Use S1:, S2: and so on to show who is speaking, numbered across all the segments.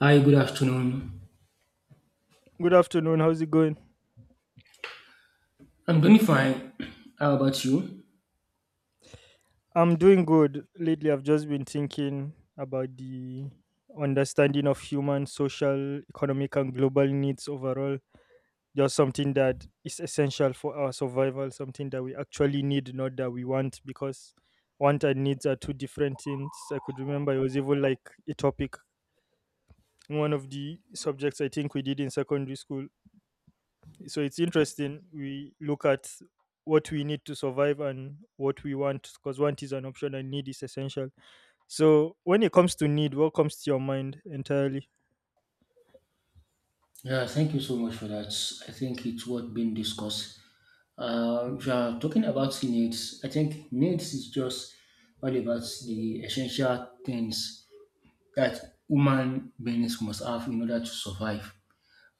S1: Hi, good afternoon.
S2: Good afternoon. How's it going?
S1: I'm doing fine. How about you?
S2: I'm doing good. Lately, I've just been thinking about the understanding of human, social, economic, and global needs overall. Just something that is essential for our survival, something that we actually need, not that we want, because want and needs are two different things. I could remember it was even like a topic, one of the subjects I think we did in secondary school, so it's interesting we look at what we need to survive and what we want, because want is an option and need is essential. So when it comes to need, what comes to your mind entirely?
S1: Yeah, thank you so much for that. I think it's what been discussed. If you are talking about needs, I think needs is just all about the essential things that human beings must have in order to survive,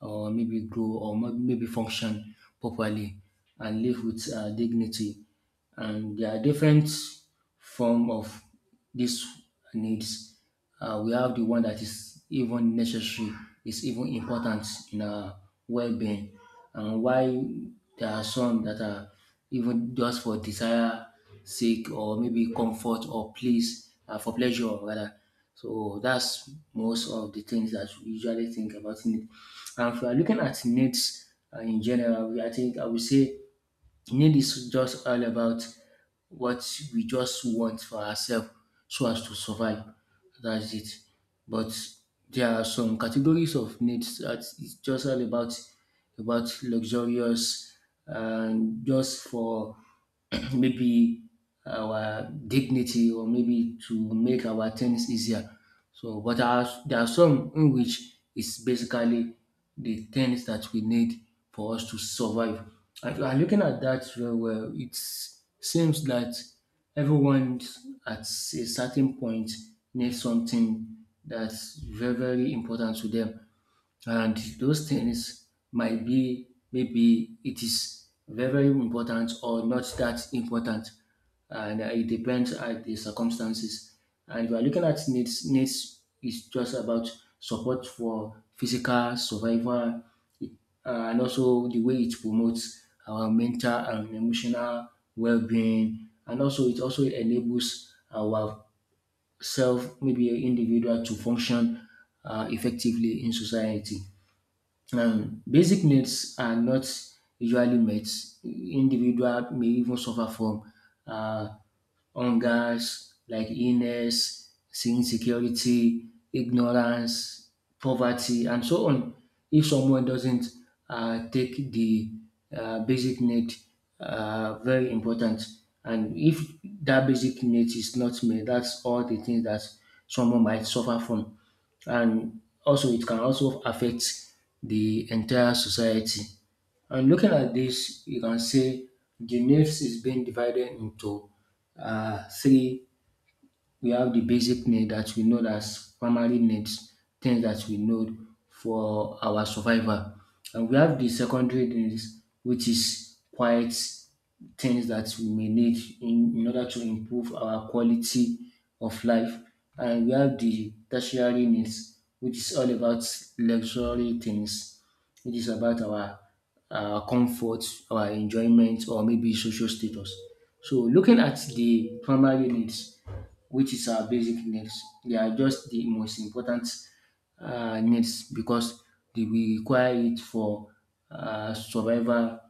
S1: or maybe grow or maybe function properly and live with dignity. And there are different form of these needs. We have the one that is even necessary, is even important in our well-being, and why there are some that are even just for desire sake or maybe comfort or please for pleasure rather. So that's most of the things that we usually think about in it. And if we are looking at needs in general, I think I would say need is just all about what we just want for ourselves so as to survive. That's it. But there are some categories of needs that is just all about luxurious and just for maybe our dignity or maybe to make our things easier. So, but there are some in which it's basically the things that we need for us to survive. And looking at that very well, it seems that everyone at a certain point needs something that's very, very important to them. And those things might be maybe it is very important or not that important, and it depends at the circumstances. And if you are looking at needs is just about support for physical survival, it- and also the way it promotes our mental and emotional well-being, and also it also enables our self, maybe individual, to function effectively in society. Basic needs are not usually met. Individual may even suffer from uh, hungers like illness, insecurity, ignorance, poverty, and so on. If someone doesn't take the basic need very important, and if that basic need is not met, that's all the things that someone might suffer from, and also it can also affect the entire society. And looking at this, you can say the news is being divided into three. We have the basic need that we know as primary needs, things that we know for our survival. And we have the secondary needs, which is quite things that we may need in order to improve our quality of life. And we have the tertiary needs, which is all about luxury things. It is about our comfort, our enjoyment, or maybe social status. So, looking at the primary needs, which is our basic needs, they are just the most important needs, because they require it for survival,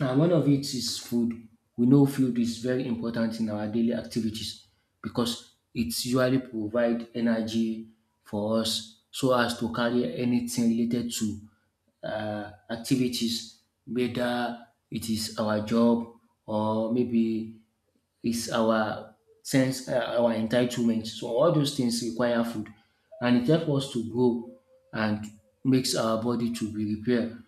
S1: and one of it is food. We know food is very important in our daily activities, because it usually provide energy for us so as to carry anything related to activities, whether it is our job or maybe it's our sense, our entitlement. So all those things require food, and it helps us to grow and makes our body to be repaired.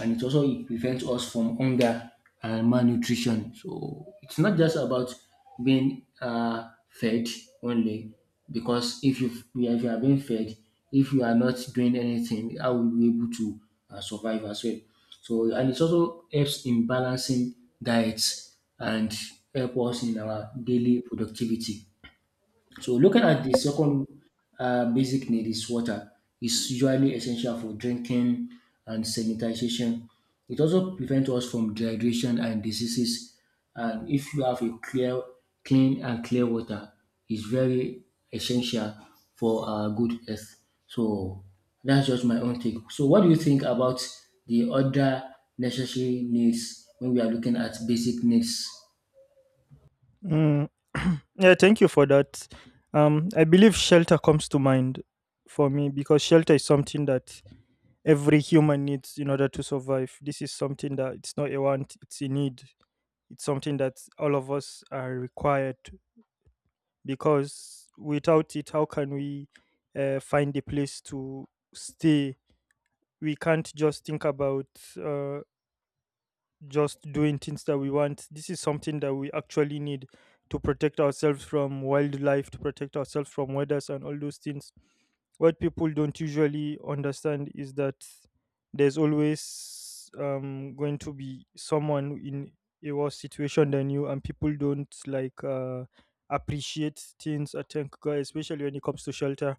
S1: And it also it prevents us from hunger and malnutrition. So it's not just about being fed only, because if you are being fed, if you are not doing anything, how will you be able to survive as well. So and it also helps in balancing diets and help us in our daily productivity. So looking at the second basic need is water. It's usually essential for drinking and sanitization. It also prevents us from dehydration and diseases. And if you have a clean and clear water, it's very essential for good health. So that's just my own take. So what do you think about the other necessary needs when we are looking at basic needs?
S2: Mm, yeah, thank you for that. I believe shelter comes to mind for me, because shelter is something that every human needs in order to survive. This is something that it's not a want, it's a need. It's something that all of us are required, because without it, how can we find a place to stay? We can't just think about uh, just doing things that we want. This is something that we actually need to protect ourselves from wildlife, to protect ourselves from weathers and all those things. What people don't usually understand is that there's always going to be someone in a worse situation than you, and people don't like appreciate things. I think, especially when it comes to shelter,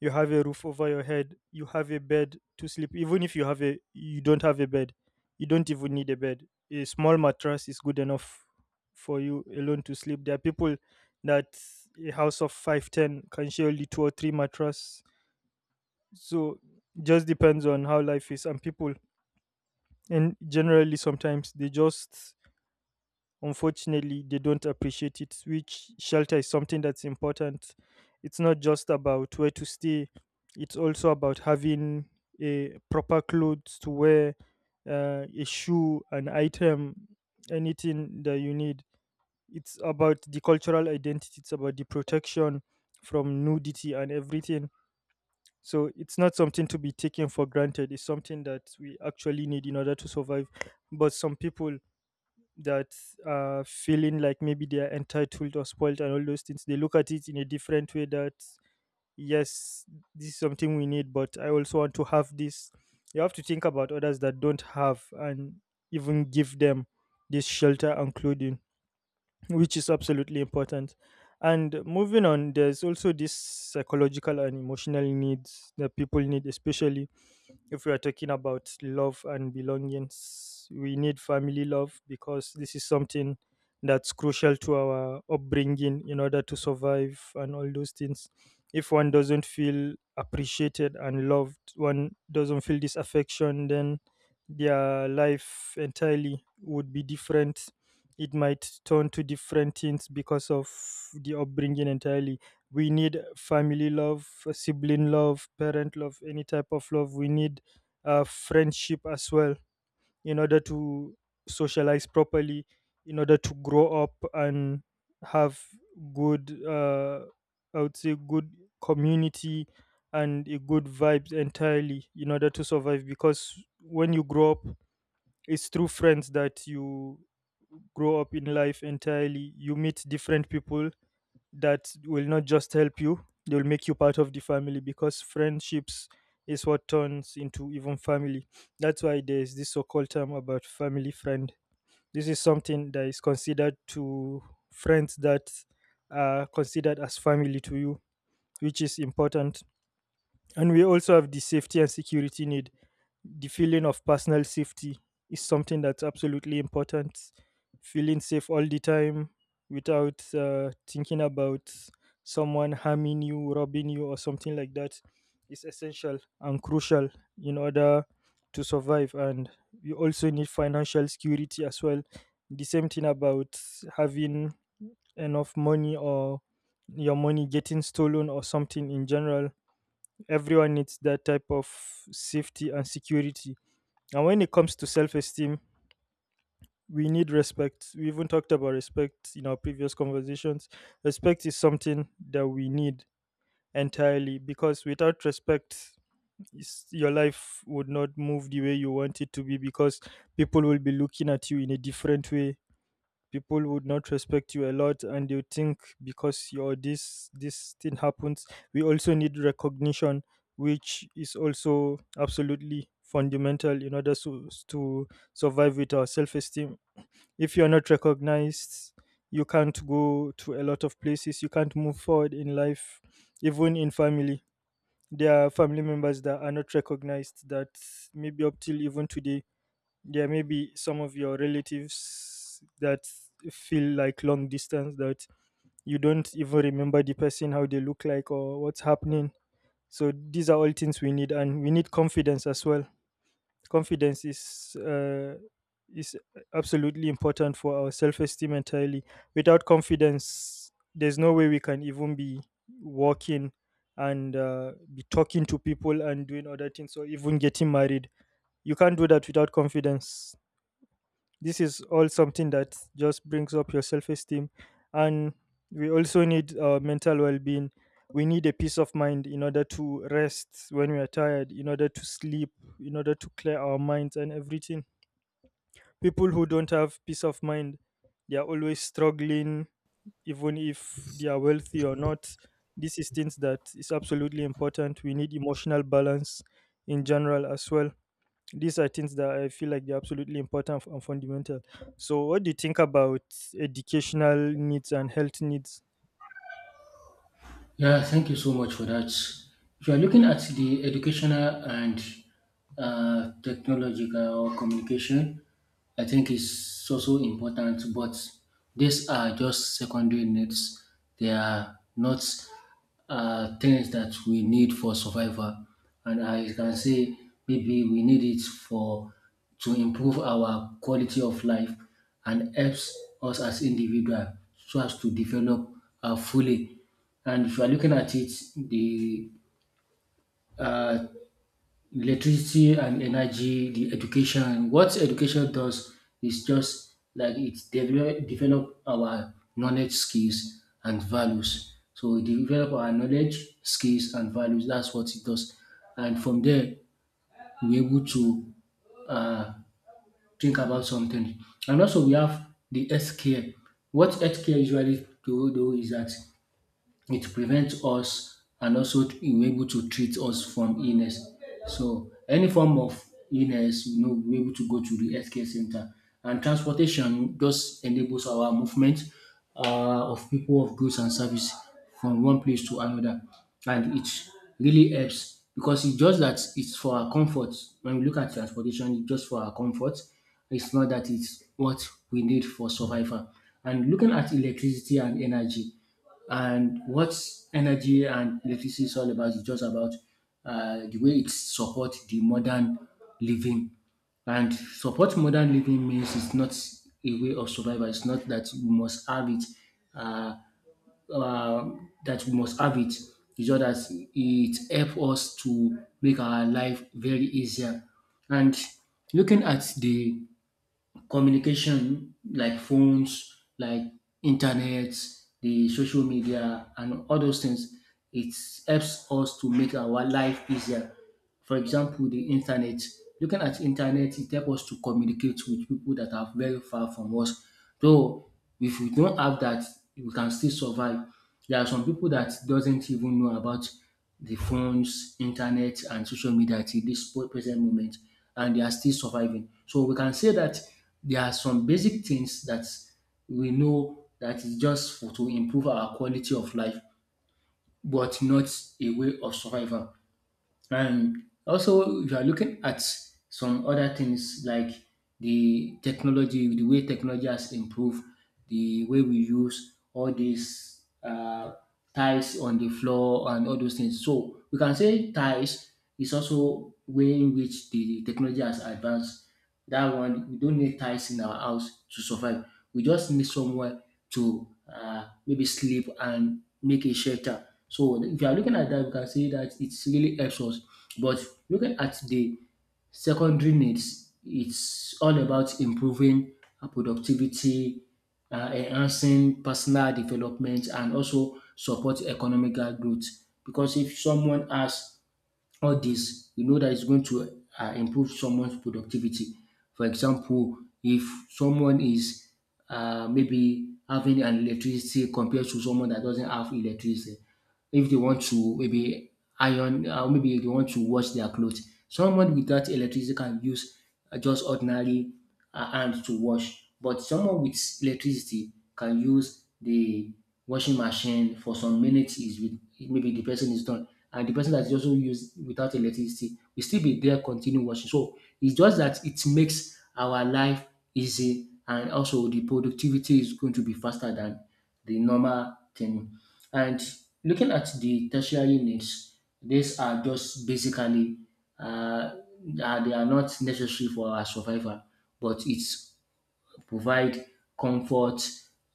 S2: you have a roof over your head, you have a bed to sleep. Even if you have a you don't have a bed, you don't even need a bed. A small mattress is good enough for you alone to sleep. There are people that a house of 510 can share only two or three mattress. So just depends on how life is, and people and generally sometimes they just, unfortunately, they don't appreciate it, which shelter is something that's important. It's not just about where to stay, it's also about having a proper clothes to wear, a shoe, an item, anything that you need. It's about the cultural identity, it's about the protection from nudity and everything. So it's not something to be taken for granted. It's something that we actually need in order to survive. But some people that are feeling like maybe they are entitled or spoiled and all those things, they look at it in a different way that, yes, this is something we need, but I also want to have this. You have to think about others that don't have and even give them this shelter and clothing, which is absolutely important. And moving on, there's also this psychological and emotional needs that people need, especially if we are talking about love and belongings. We need family love, because this is something that's crucial to our upbringing in order to survive and all those things. If one doesn't feel appreciated and loved, one doesn't feel this affection, then their life entirely would be different. It might turn to different things because of the upbringing entirely. We need family love, sibling love, parent love, any type of love. We need friendship as well in order to socialize properly, in order to grow up and have good, I would say good community and a good vibes entirely in order to survive. Because when you grow up, it's through friends that you grow up in life entirely. You meet different people that will not just help you, they will make you part of the family, because friendships is what turns into even family. That's why there is this so called term about family friend. This is something that is considered to friends that are considered as family to you, which is important. And we also have the safety and security need. The feeling of personal safety is something that's absolutely important. Feeling safe all the time without thinking about someone harming you, robbing you, or something like that is essential and crucial in order to survive. And you also need financial security as well. The same thing about having enough money or your money getting stolen or something in general. Everyone needs that type of safety and security. And when it comes to self esteem, we need respect. We even talked about respect in our previous conversations. Respect is something that we need entirely, because without respect, your life would not move the way you want it to be, because people will be looking at you in a different way. People would not respect you a lot and you think because you're this thing happens. We also need recognition, which is also absolutely fundamental in order to survive with our self-esteem. If you're not recognized, you can't go to a lot of places, you can't move forward in life. Even in family, there are family members that are not recognized, that maybe up till even today, there may be some of your relatives that feel like long distance, that you don't even remember the person how they look like or what's happening. So these are all things we need. And we need confidence as well. Confidence is is absolutely important for our self-esteem entirely. Without confidence, there's no way we can even be walking and be talking to people and doing other things, or even getting married. You can't do that without confidence. This is all something that just brings up your self-esteem. And we also need mental well-being. We need a peace of mind in order to rest when we are tired, in order to sleep, in order to clear our minds and everything. People who don't have peace of mind, they are always struggling, even if they are wealthy or not. This is things that is absolutely important. We need emotional balance in general as well. These are things that I feel like they're absolutely important and fundamental. So, what do you think about educational needs and health needs?
S1: Yeah, thank you so much for that. If you are looking at the educational and technological communication, I think it's also important, but these are just secondary needs. They are not things that we need for survival. And I can say maybe we need it for to improve our quality of life and helps us as individual so as to develop fully. And if you are looking at it, the uh, electricity and energy, the education, what education does is just like it develop our knowledge, skills, and values. So it develop our knowledge, skills, and values. That's what it does. And from there, we're able to uh, think about something. And also, we have the healthcare. What healthcare usually do is that it prevents us, and also we were able to treat us from illness. So any form of illness, you know, we're able to go to the healthcare center. And transportation just enables our movement of people, of goods and service from one place to another. And it really helps, because it's just that it's for our comfort. When we look at transportation, it's just for our comfort. It's not that it's what we need for survival. And looking at electricity and energy, and what energy and electricity is all about is just about the way it supports the modern living. And support modern living means it's not a way of survival. It's not that we must have uh, uh, that we must have it. It's just that it helps us to make our life very easier. And looking at the communication like phones, like internet, the social media, and all those things, it helps us to make our life easier. For example, the internet. Looking at internet, it helps us to communicate with people that are very far from us. Though if we don't have that, we can still survive. There are some people that doesn't even know about the phones, internet, and social media till present moment, and they are still surviving. So we can say that there are some basic things that we know that is just to improve our quality of life, but not a way of survival. And also, if you are looking at some other things like the technology, the way technology has improved, the way we use all these tiles on the floor and all those things. So we can say tiles is also way in which the technology has advanced. That one, we don't need tiles in our house to survive. We just need somewhere to maybe sleep and make a shelter. So if you are looking at that, you can see that it's really helps us. But looking at the secondary needs, it's all about improving our productivity, enhancing personal development, and also support economic growth. Because if someone has all this, you know that it's going to improve someone's productivity. For example, if someone is maybe having an electricity compared to someone that doesn't have electricity, if they want to maybe maybe they want to wash their clothes, someone without electricity can use just ordinary hand to wash. But someone with electricity can use the washing machine for some minutes. Is with maybe the person is done, and the person that is also used without electricity will still be there continue washing. So it's just that it makes our life easy, and also the productivity is going to be faster than the normal thing. And looking at the tertiary needs, these are just basically uh, they are not necessary for our survival, but it's provide comfort,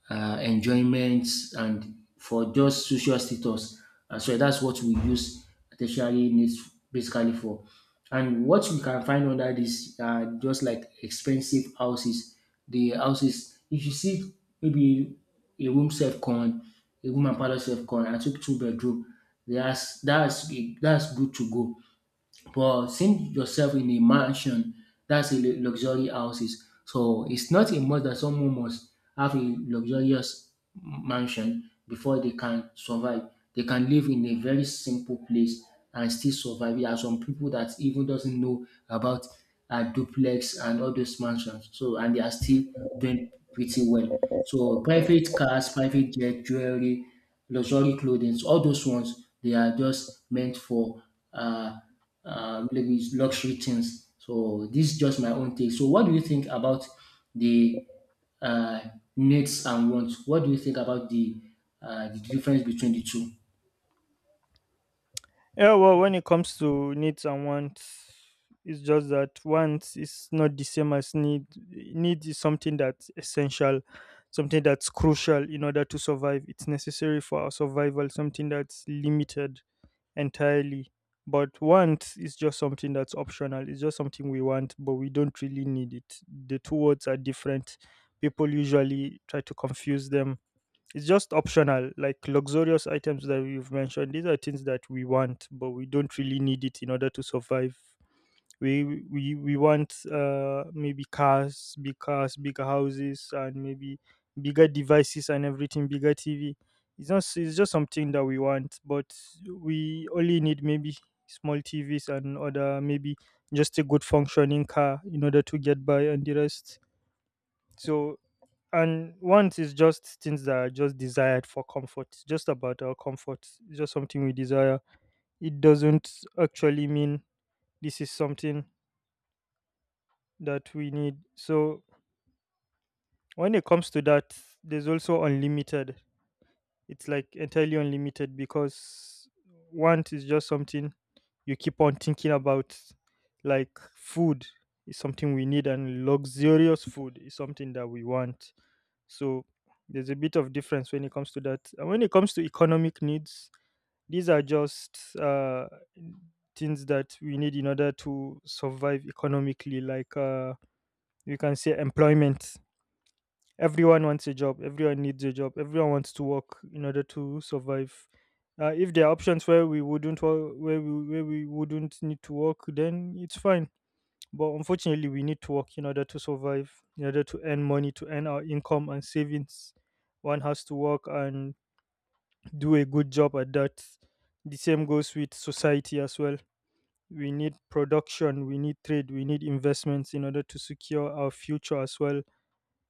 S1: enjoyment, and for just social status as well. That's what we use tertiary needs basically for. And what we can find under this are just like expensive houses. The houses, if you see maybe a room self con, a room and parlor self con, and two bedroom, that's that's good to go, but seeing yourself in a mansion, that's a luxury houses. So it's not a must that someone must have a luxurious mansion before they can survive. They can live in a very simple place and still survive. There are some people that even doesn't know about duplex and all those mansions. So and they are still doing pretty well. So private cars, private jet, jewelry, luxury clothing, so, all those ones they are just meant for uh, maybe luxury things. So this is just my own take. So what do you think about the uh, needs and wants? What do you think about the difference between the two?
S2: Yeah, well, when it comes to needs and wants, it's just that wants is not the same as need. Need is something that's essential, something that's crucial in order to survive. It's necessary for our survival, something that's limited entirely. But want is just something that's optional. It's just something we want, but we don't really need it. The two words are different. People usually try to confuse them. It's just optional, like luxurious items that we have mentioned. These are things that we want, but we don't really need it in order to survive. We want maybe cars, big cars, bigger houses, and maybe bigger devices and everything, bigger tv. It's not, it's just something that we want, but we only need maybe small tvs and other, maybe just a good functioning car in order to get by and the rest. So, and wants is just things that are just desired for comfort, just about our comfort. It's just something we desire. It doesn't actually mean this is something that we need. So when it comes to that, there's also unlimited. It's like entirely unlimited because want is just something you keep on thinking about. Like food is something we need, and luxurious food is something that we want. So there's a bit of difference when it comes to that. And when it comes to economic needs, these are just things that we need in order to survive economically, like, we can say employment. Everyone wants a job, everyone needs a job, everyone wants to work in order to survive. If there are options where we wouldn't need to work, then it's fine. But unfortunately we need to work in order to survive, in order to earn money, to earn our income and savings. One has to work and do a good job at that. The same goes with society as well. We need production, we need trade, we need investments in order to secure our future as well.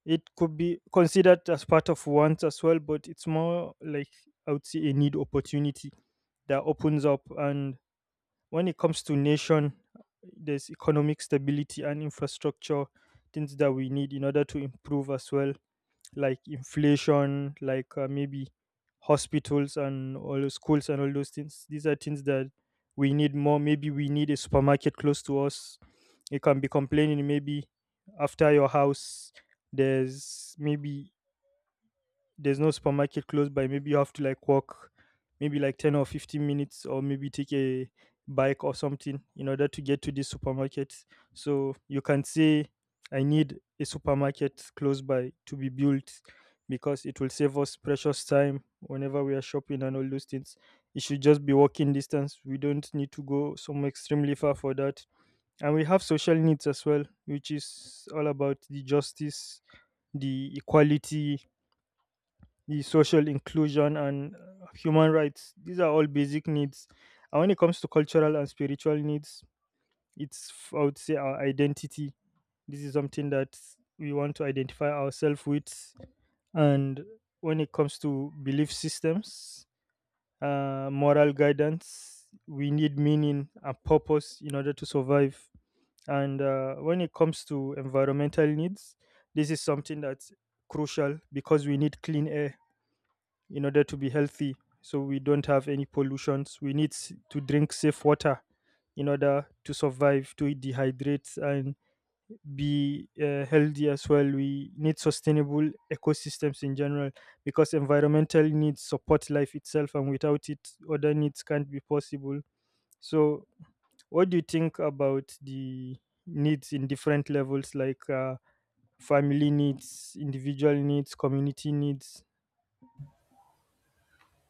S2: It could be considered as part of want as well, but it's more like, I would say, a need opportunity that opens up. And when it comes to nation, there's economic stability and infrastructure, things that we need in order to improve as well, like inflation, like, maybe hospitals and all the schools and all those things. These are things that we need more. Maybe we need a supermarket close to us. You can be complaining maybe after your house, there's maybe there's no supermarket close by. Maybe you have to like walk maybe like 10 or 15 minutes or maybe take a bike or something in order to get to this supermarket, so you can say I need a supermarket close by to be built because it will save us precious time whenever we are shopping and all those things. It should just be walking distance. We don't need to go somewhere extremely far for that. And we have social needs as well, which is all about the justice, the equality, the social inclusion and human rights. These are all basic needs. And when it comes to cultural and spiritual needs, I would say our identity. This is something that we want to identify ourselves with. And when it comes to belief systems, moral guidance, we need meaning and purpose in order to survive. And when it comes to environmental needs, this is something that's crucial because we need clean air in order to be healthy, so we don't have any pollutions. We need to drink safe water in order to survive, to dehydrate and be healthy as well. We need sustainable ecosystems in general, because environmental needs support life itself, and without it other needs can't be possible. So what do you think about the needs in different levels, like family needs, individual needs, community needs?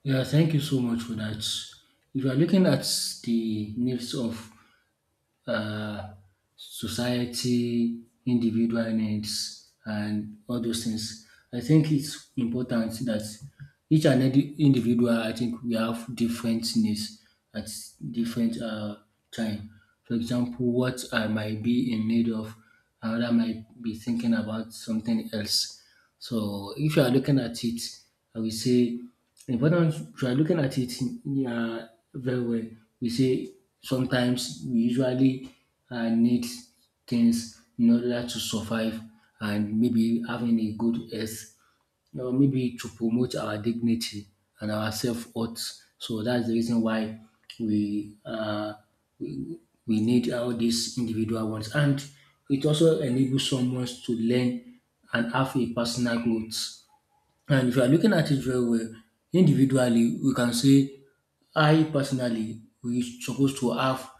S1: Yeah, thank you so much for that. If you are looking at the needs of uh, society, individual needs, and all those things. I think it's important that each and every individual, I think we have different needs at different time. For example, what I might be in need of, another might be thinking about something else. So if you are looking at it, I will say important if you are looking at it, yeah, very well, we say sometimes we usually need things in order to survive and maybe having a good health or maybe to promote our dignity and our self-worth. So that's the reason why we uh, we need all these individual ones, and it also enables someone to learn and have a personal growth. And if you are looking at it very well, individually, we can say I personally, we supposed to have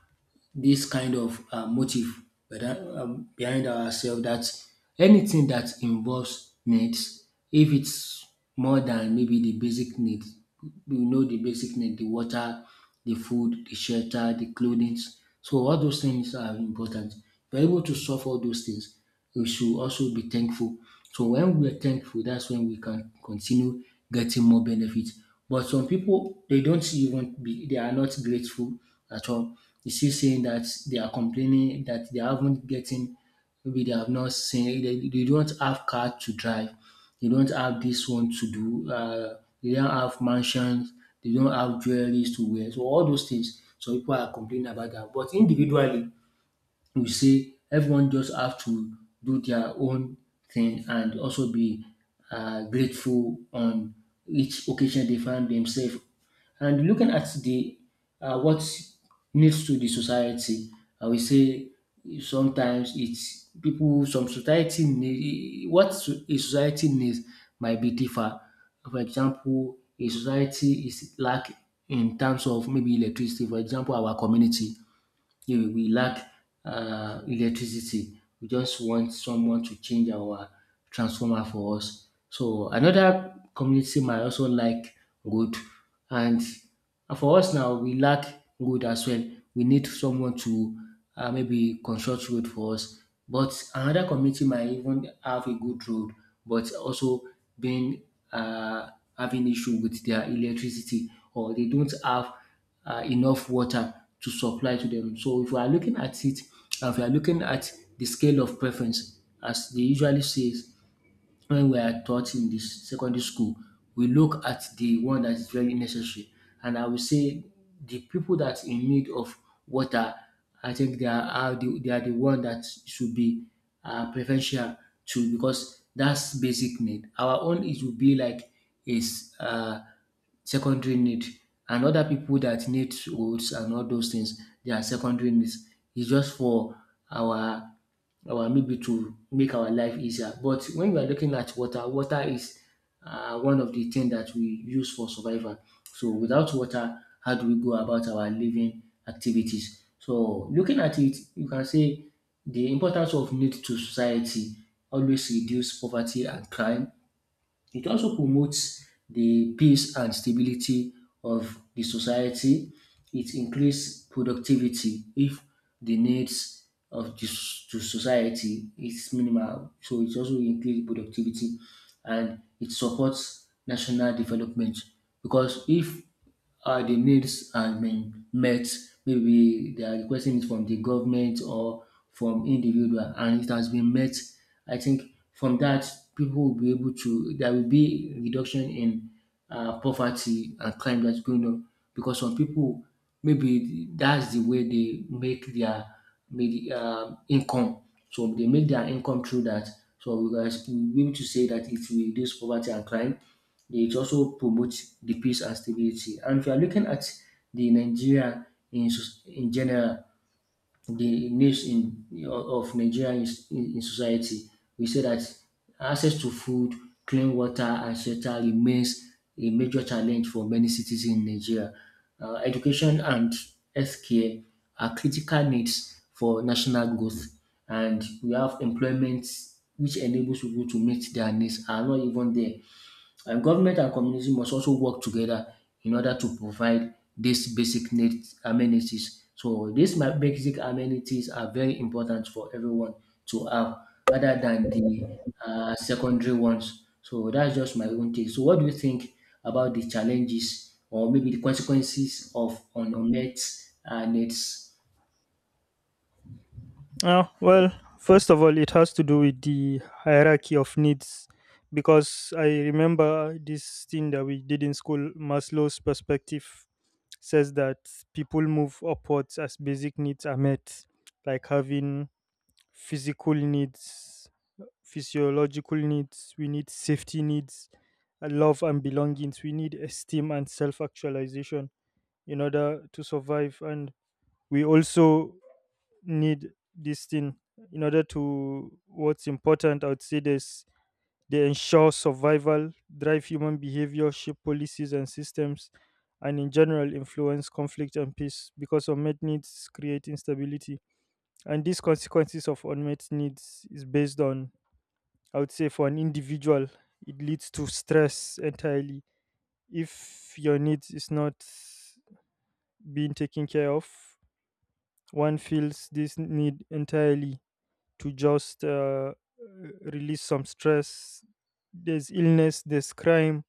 S1: this kind of motive behind ourselves that anything that involves needs, if it's more than maybe the basic need, we know the basic need, the water, the food, the shelter, the clothing. So all those things are important. If you're able to solve all those things, we should also be thankful. So when we're thankful, that's when we can continue getting more benefits. But some people, they don't even be they are not grateful at all. You see saying that they are complaining that they haven't getting, maybe they have not seen, they don't have car to drive, they don't have this one to do. They don't have mansions. They don't have jewelries to wear. So all those things, so people are complaining about that. But individually, we say everyone just have to do their own thing and also be grateful on each occasion they find themselves. And looking at the what needs to the society, I will say sometimes it's people. Some society need a society needs might be differ. For example, a society is lack in terms of maybe electricity. For example, our community, yeah, we lack electricity. We just want someone to change our transformer for us. So another community might also like wood, and for us now we lack wood as well. We need someone to maybe construct road for us. But another community might even have a good road, but also being uh, having issue with their electricity, or they don't have enough water to supply to them. So if we are looking at it, if we are looking at the scale of preference, as they usually says, when we are taught in this secondary school, we look at the one that is very necessary. And I will say the people that in need of water, I think they are the one that should be preferential to, because that's basic need. Our own it will be like is secondary need, and other people that need roads and all those things, they are secondary needs. It's just for our, or maybe to make our life easier. But when we are looking at water, water is one of the things that we use for survival. So without water, how do we go about our living activities? So looking at it, you can say the importance of need to society always reduce poverty and crime. It also promotes the peace and stability of the society. It increases productivity if the needs of to society is minimal. So it also increases productivity, and it supports national development because if the needs are met, maybe they are requesting it from the government or from individual, and it has been met. I think from that, people will be able to. There will be reduction in poverty and crime that's going on, because some people, maybe that's the way they make their income. So they make their income through that. So we'll be able to say that it will reduce poverty and crime. It also promotes the peace and stability. And if you are looking at the Nigeria in general, the needs in of Nigeria in society. We say that access to food, clean water, and shelter remains a major challenge for many cities in Nigeria. Education and healthcare are critical needs for national growth, and we have employment which enables people to meet their needs are not even there. And government and community must also work together in order to provide these basic needs amenities. So basic amenities are very important for everyone to have, other than the secondary ones. So that's just my own take. So what do you think about the challenges or maybe the consequences of unmet needs?
S2: Well, first of all, it has to do with the hierarchy of needs, because I remember this thing that we did in school. Maslow's perspective says that people move upwards as basic needs are met, like having physical needs, physiological needs. We need safety needs, love and belongings. We need esteem and self actualization in order to survive. And we also need this thing in order to what's important. I would say this: they ensure survival, drive human behavior, shape policies and systems, and in general influence conflict and peace, because unmet needs create instability. And these consequences of unmet needs is based on, I would say, for an individual, it leads to stress entirely. If your needs is not being taken care of, one feels this need entirely to just release some stress. There's illness, there's crime.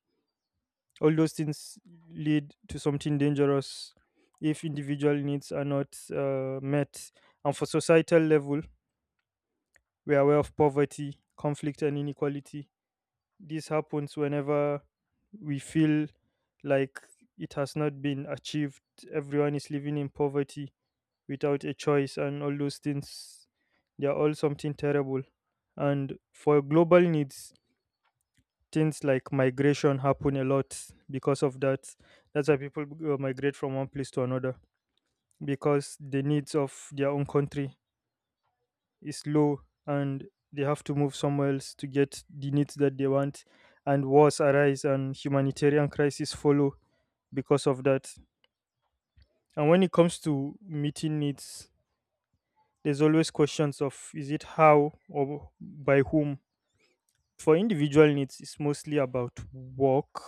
S2: All those things lead to something dangerous if individual needs are not met. And for societal level, we are aware of poverty, conflict, and inequality. This happens whenever we feel like it has not been achieved. Everyone is living in poverty without a choice, and all those things, they are all something terrible. And for global needs, things like migration happen a lot because of that. That's why people migrate from one place to another, because the needs of their own country is low, and they have to move somewhere else to get the needs that they want, and wars arise and humanitarian crises follow because of that. And when it comes to meeting needs, there's always questions of is it how or by whom. For individual needs, it's mostly about work,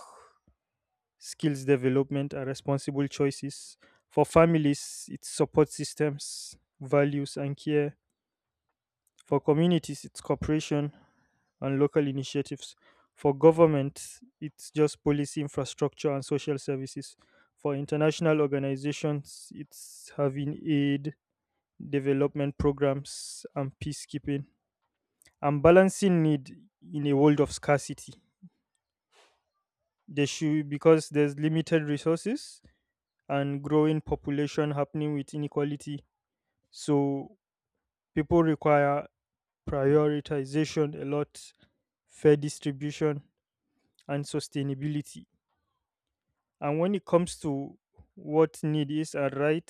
S2: skills development, and responsible choices. For families, it's support systems, values, and care. For communities, it's cooperation and local initiatives. For government, it's just policy infrastructure and social services. For international organizations, it's having aid, development programs, and peacekeeping. And balancing need in a world of scarcity, there should, because there's limited resources and growing population happening with inequality. So people require prioritization a lot, fair distribution and sustainability. And when it comes to what need is and right,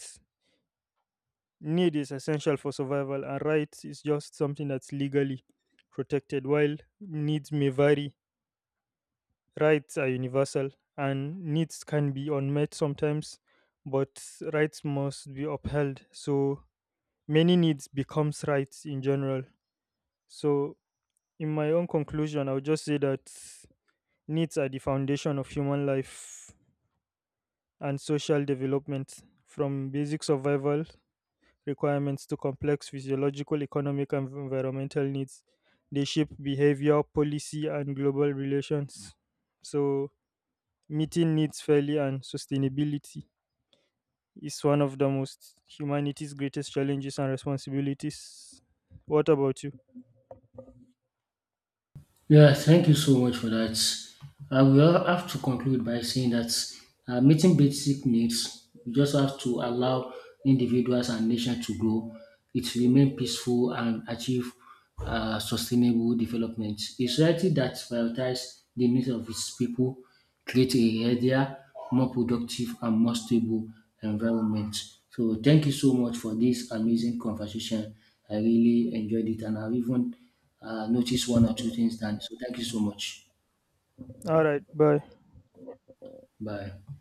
S2: need is essential for survival, and right is just something that's legally protected. While needs may vary, rights are universal, and needs can be unmet sometimes, but rights must be upheld, so many needs becomes rights in general. So in my own conclusion, I would just say that needs are the foundation of human life and social development, from basic survival requirements to complex physiological economic and environmental needs. They shape behavior, policy and global relations. So meeting needs fairly and sustainability is one of the most humanity's greatest challenges and responsibilities. What about you?
S1: Yeah, thank you so much for that. I will have to conclude by saying that meeting basic needs, you just have to allow individuals and nations to grow. It remain peaceful and achieve sustainable development. A society that prioritizes the needs of its people create a healthier, more productive and more stable environment. So thank you so much for this amazing conversation. I really enjoyed it, and I've even noticed one or two things done. So thank you so much.
S2: All right, bye.
S1: Bye.